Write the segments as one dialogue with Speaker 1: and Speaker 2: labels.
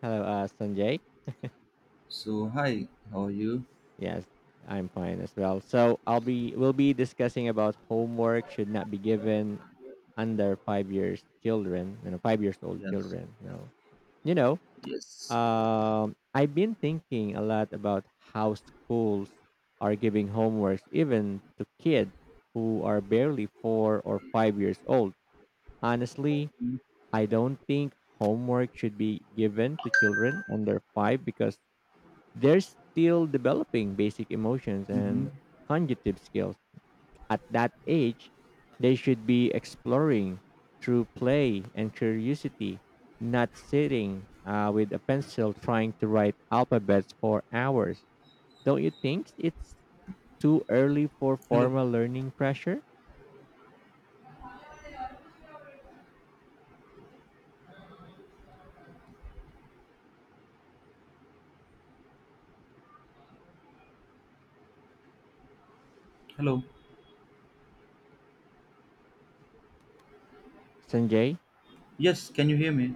Speaker 1: Hello, Sanjay.
Speaker 2: So hi, how are you?
Speaker 1: Yes, I'm fine as well. So I'll be we'll be discussing about homework should not be given under 5 years children, 5 years old
Speaker 2: Yes.
Speaker 1: children. You know.
Speaker 2: Yes.
Speaker 1: I've been thinking a lot about how schools are giving homeworks even to kids who are barely 4 or 5 years old. Honestly, I don't think homework should be given to children under five because they're still developing basic emotions
Speaker 2: Mhm.
Speaker 1: and cognitive skills. At that age, they should be exploring through play and curiosity, not sitting with a pencil trying to write alphabets for hours. Don't you think it's too early for
Speaker 2: Hello.
Speaker 1: formal learning pressure?
Speaker 2: Hello.
Speaker 1: Sanjay?
Speaker 2: Yes, can you hear me?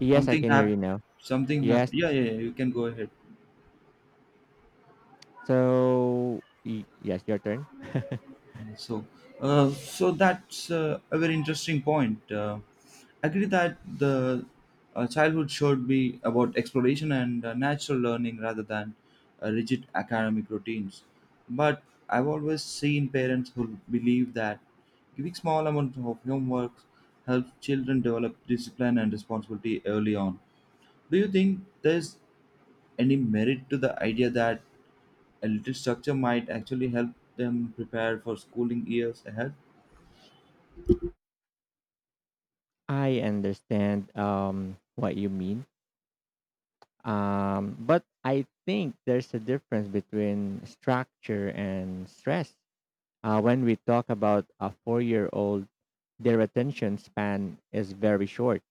Speaker 1: Yes, I
Speaker 2: Something
Speaker 1: can hear
Speaker 2: hap
Speaker 1: you now.
Speaker 2: something happened.
Speaker 1: Yes.
Speaker 2: Yeah, yeah, yeah, you can go ahead.
Speaker 1: So, yes, your turn.
Speaker 2: So, so that's a very interesting point. Agree that the childhood should be about exploration and natural learning rather than rigid academic routines. But I've always seen parents who believe that giving small amounts of homework helps children develop discipline and responsibility early on. Do you think there's any merit to the idea that a little structure might actually help them prepare for schooling years ahead?
Speaker 1: I understand what you mean. But I think there's a difference between structure and stress. When we talk about a 4 year old, their attention span is very short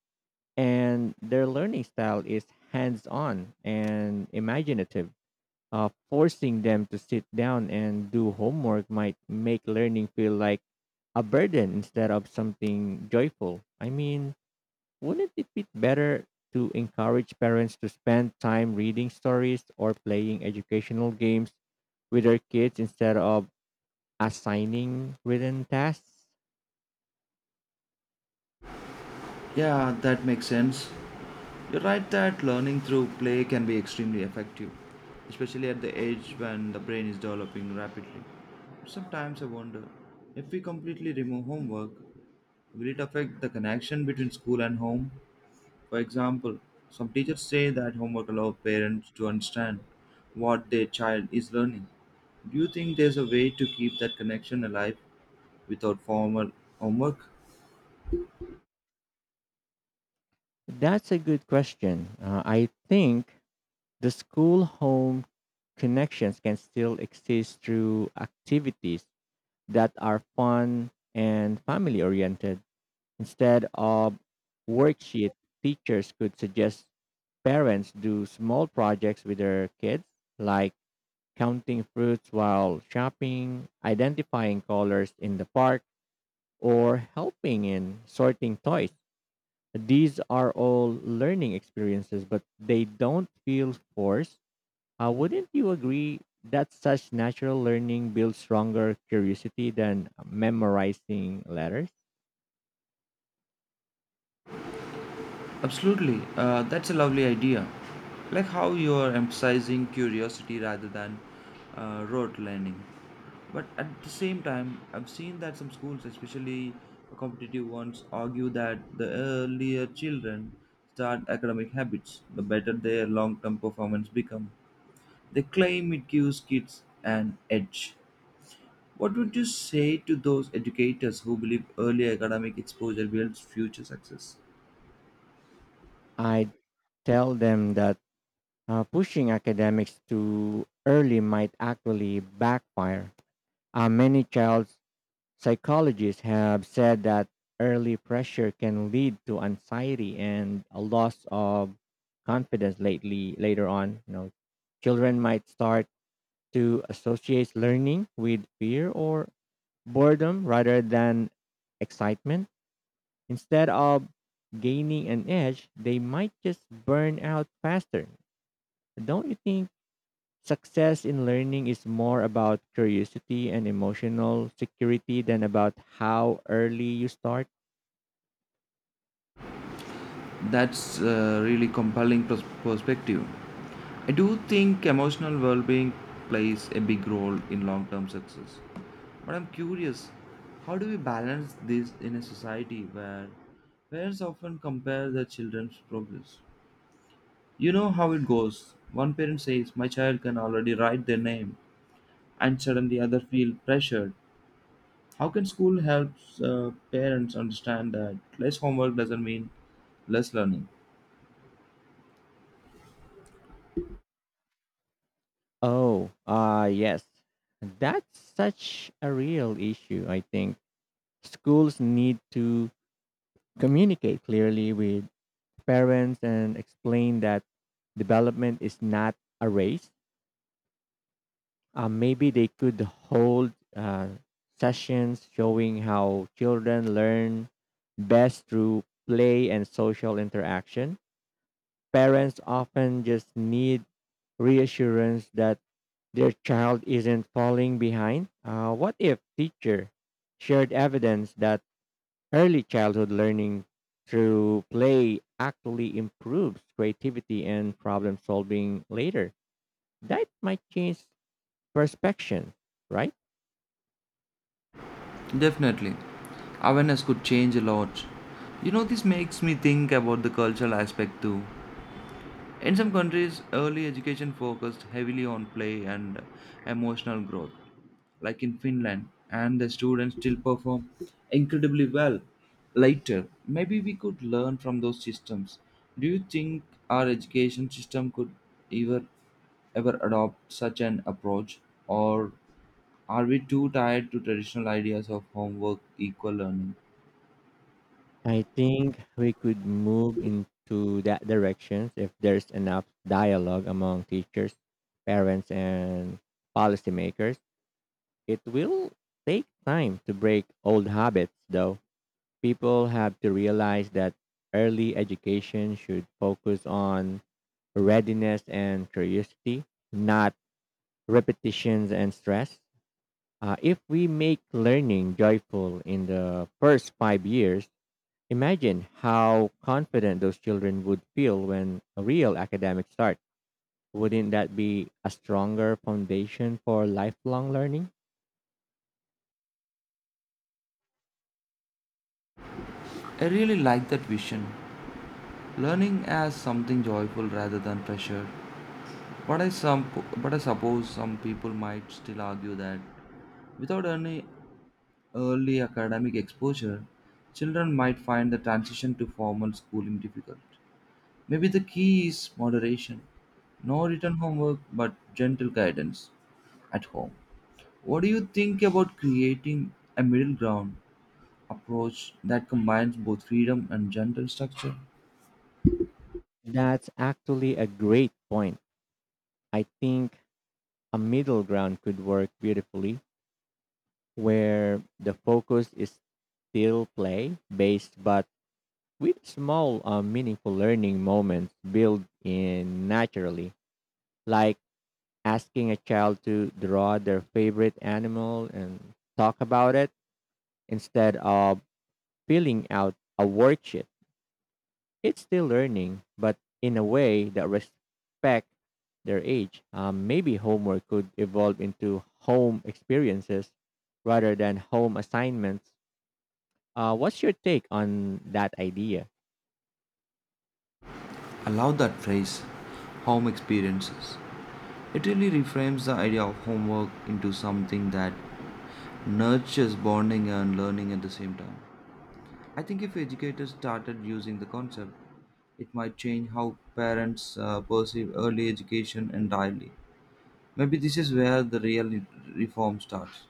Speaker 1: and their learning style is hands on and imaginative. Forcing them to sit down and do homework might make learning feel like a burden instead of something joyful. I mean, wouldn't it be better to encourage parents to spend time reading stories or playing educational games with their kids instead of assigning written tasks?
Speaker 2: Yeah, that makes sense. You're right that learning through play can be extremely effective, especially at the age when the brain is developing rapidly. Sometimes I wonder if we completely remove homework, will it affect the connection between school and home? For example, some teachers say that homework allows parents to understand what their child is learning. Do you think there's a way to keep that connection alive without formal homework?
Speaker 1: That's a good question. I think the school home connections can still exist through activities that are fun and family oriented. Instead of worksheet, teachers could suggest parents do small projects with their kids, like counting fruits while shopping, identifying colors in the park, or helping in sorting toys. These are all learning experiences, but they don't feel forced. Wouldn't you agree that such natural learning builds stronger curiosity than memorizing letters?
Speaker 2: Absolutely, that's a lovely idea. Like how you are emphasizing curiosity rather than rote learning. But at the same time, I've seen that some schools, especially competitive ones, argue that the earlier children start academic habits, the better their long term performance become. They claim it gives kids an edge. What would you say to those educators who believe early academic exposure builds future success?
Speaker 1: I tell them that. Pushing academics too early might actually backfire. Many child psychologists have said that early pressure can lead to anxiety and a loss of confidence lately later on. You know, children might start to associate learning with fear or boredom rather than excitement. Instead of gaining an edge, they might just burn out faster. Don't you think success in learning is more about curiosity and emotional security than about how early you start?
Speaker 2: That's a really compelling perspective. I do think emotional well being plays a big role in long term success. But I'm curious, how do we balance this in a society where parents often compare their children's progress? You know how it goes. One parent says, "My child can already write their name," and suddenly other feel pressured. How can school help parents understand that less homework doesn't mean less learning?
Speaker 1: Oh, ah, yes. That's such a real issue, I think. Schools need to communicate clearly with parents and explain that development is not a race. Maybe they could hold sessions showing how children learn best through play and social interaction. Parents often just need reassurance that their child isn't falling behind. What if teacher shared evidence that early childhood learning through play actually improves creativity and problem solving later? That might change perception, right?
Speaker 2: Definitely. Awareness could change a lot. You know, this makes me think about the cultural aspect too. In some countries, early education focused heavily on play and emotional growth, like in Finland, and the students still perform incredibly well later. Maybe we could learn from those systems. Do you think our education system could ever ever adopt such an approach or are we too tied to traditional ideas of homework equal learning?
Speaker 1: I think we could move into that direction if there's enough dialogue among teachers, parents, and policymakers. It will take time to break old habits, though. People have to realize that early education should focus on readiness and curiosity, not repetitions and stress. If we make learning joyful in the first 5 years, imagine how confident those children would feel when a real academic start. Wouldn't that be a stronger foundation for lifelong learning?
Speaker 2: I really like that vision. Learning as something joyful rather than pressure. But I some but I suppose some people might still argue that without any early academic exposure, children might find the transition to formal schooling difficult. Maybe the key is moderation. No written homework, but gentle guidance at home. What do you think about creating a middle ground approach that combines both freedom and gentle structure?
Speaker 1: That's actually a great point. I think a middle ground could work beautifully where the focus is still play based but with small meaningful learning moments built in naturally, like asking a child to draw their favorite animal and talk about it instead of filling out a worksheet. It's still learning, but in a way that respect their age. Maybe homework could evolve into home experiences rather than home assignments. What's your take on that idea?
Speaker 2: I love that phrase, home experiences. It really reframes the idea of homework into something that nurtures bonding and learning at the same time. I think if educators started using the concept, it might change how parents perceive early education entirely. Maybe this is where the real reform starts,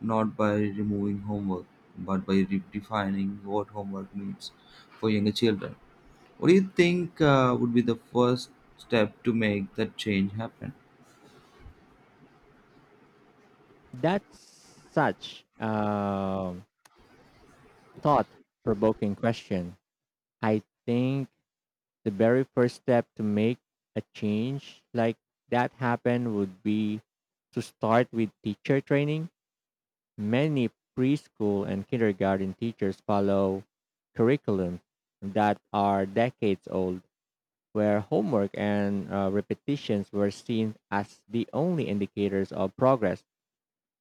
Speaker 2: not by removing homework, but by redefining what homework means for younger children. What do you think would be the first step to make that change happen?
Speaker 1: That's such a thought provoking question. I think the very first step to make a change like that happen would be to start with teacher training. Many preschool and kindergarten teachers follow curriculum that are decades old, where homework and repetitions were seen as the only indicators of progress.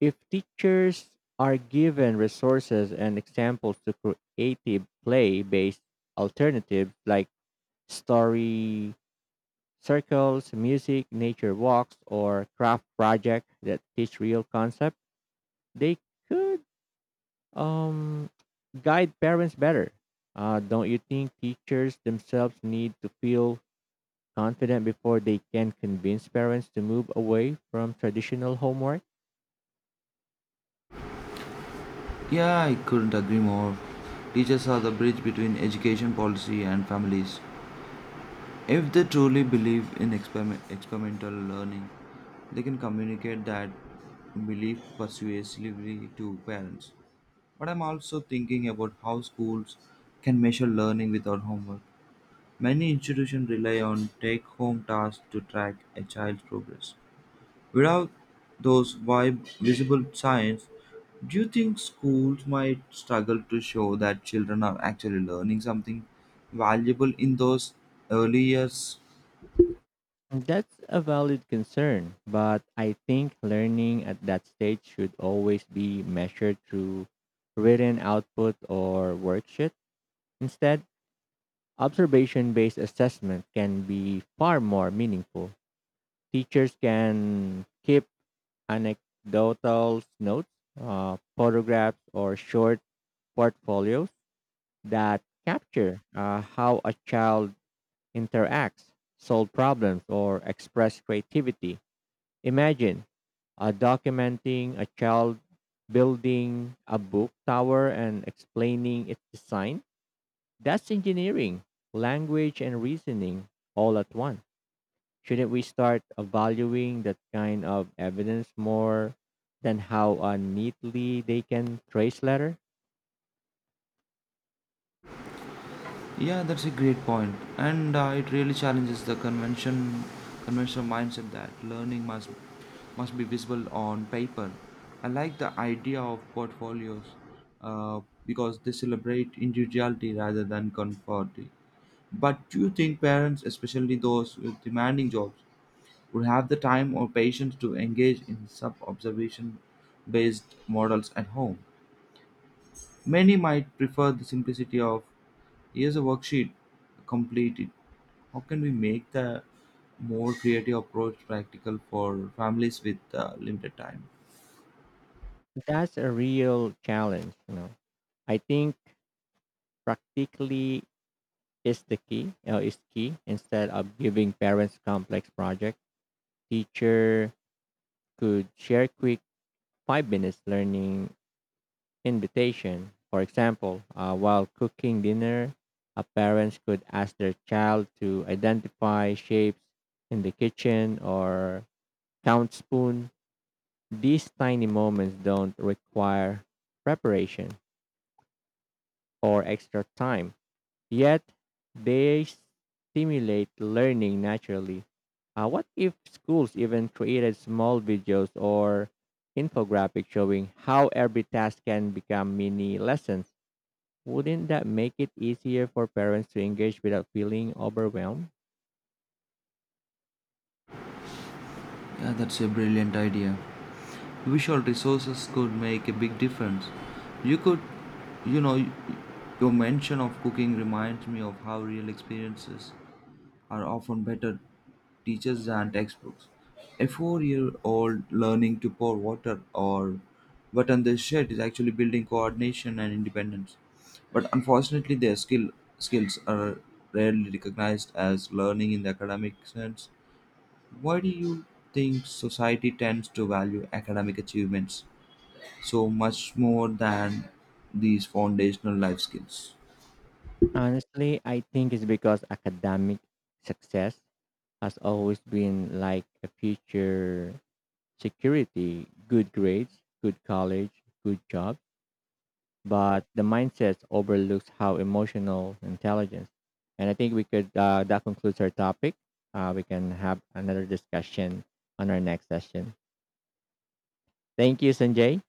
Speaker 1: If teachers are given resources and examples to creative play based alternatives like story circles, music, nature walks, or craft projects that teach real concepts, they could um, guide parents better. Don't you think teachers themselves need to feel confident before they can convince parents to move away from traditional homework?
Speaker 2: Yeah, I couldn't agree more. Teachers are the bridge between education policy and families. If they truly believe in experimental learning, they can communicate that belief persuasively to parents. But I'm also thinking about how schools can measure learning without homework. Many institutions rely on take home tasks to track a child's progress. Without those visible signs, do you think schools might struggle to show that children are actually learning something valuable in those early years?
Speaker 1: That's a valid concern, but I think learning at that stage should always be measured through written output or worksheet. Instead, observation based assessment can be far more meaningful. Teachers can keep anecdotal notes, photographs, or short portfolios that capture how a child interacts, solve problems, or express creativity. Imagine documenting a child building a book tower and explaining its design. That's engineering, language, and reasoning all at once. Shouldn't we start valuing that kind of evidence more than how neatly they can trace letter?
Speaker 2: Yeah, that's a great point, and it really challenges the conventional mindset that learning must be visible on paper. I like the idea of portfolios because they celebrate individuality rather than conformity. But do you think parents, especially those with demanding jobs, would have the time or patience to engage in sub observation based models at home? Many might prefer the simplicity of "here's a worksheet, complete it." How can we make the more creative approach practical for families with limited time?
Speaker 1: That's a real challenge. You know, I think practically is the key. Is key instead of giving parents complex project. Teacher could share quick 5 minutes learning invitation. For example, while cooking dinner, parents could ask their child to identify shapes in the kitchen or count spoon. These tiny moments don't require preparation or extra time, yet they stimulate learning naturally. What if schools even created small videos or infographic showing how every task can become mini lessons? Wouldn't that make it easier for parents to engage without feeling overwhelmed?
Speaker 2: Yeah, that's a brilliant idea. Visual resources could make a big difference. You could, you know, your mention of cooking reminds me of how real experiences are often better teachers than textbooks. A 4 year old learning to pour water or button the shirt is actually building coordination and independence. But unfortunately, their skills are rarely recognized as learning in the academic sense. Why do you think society tends to value academic achievements so much more than these foundational life skills?
Speaker 1: Honestly, I think it's because academic success has always been like a future security, good grades, good college, good job. But the mindset overlooks how emotional intelligence. And I think we could, that concludes our topic. We can have another discussion on our next session. Thank you, Sanjay.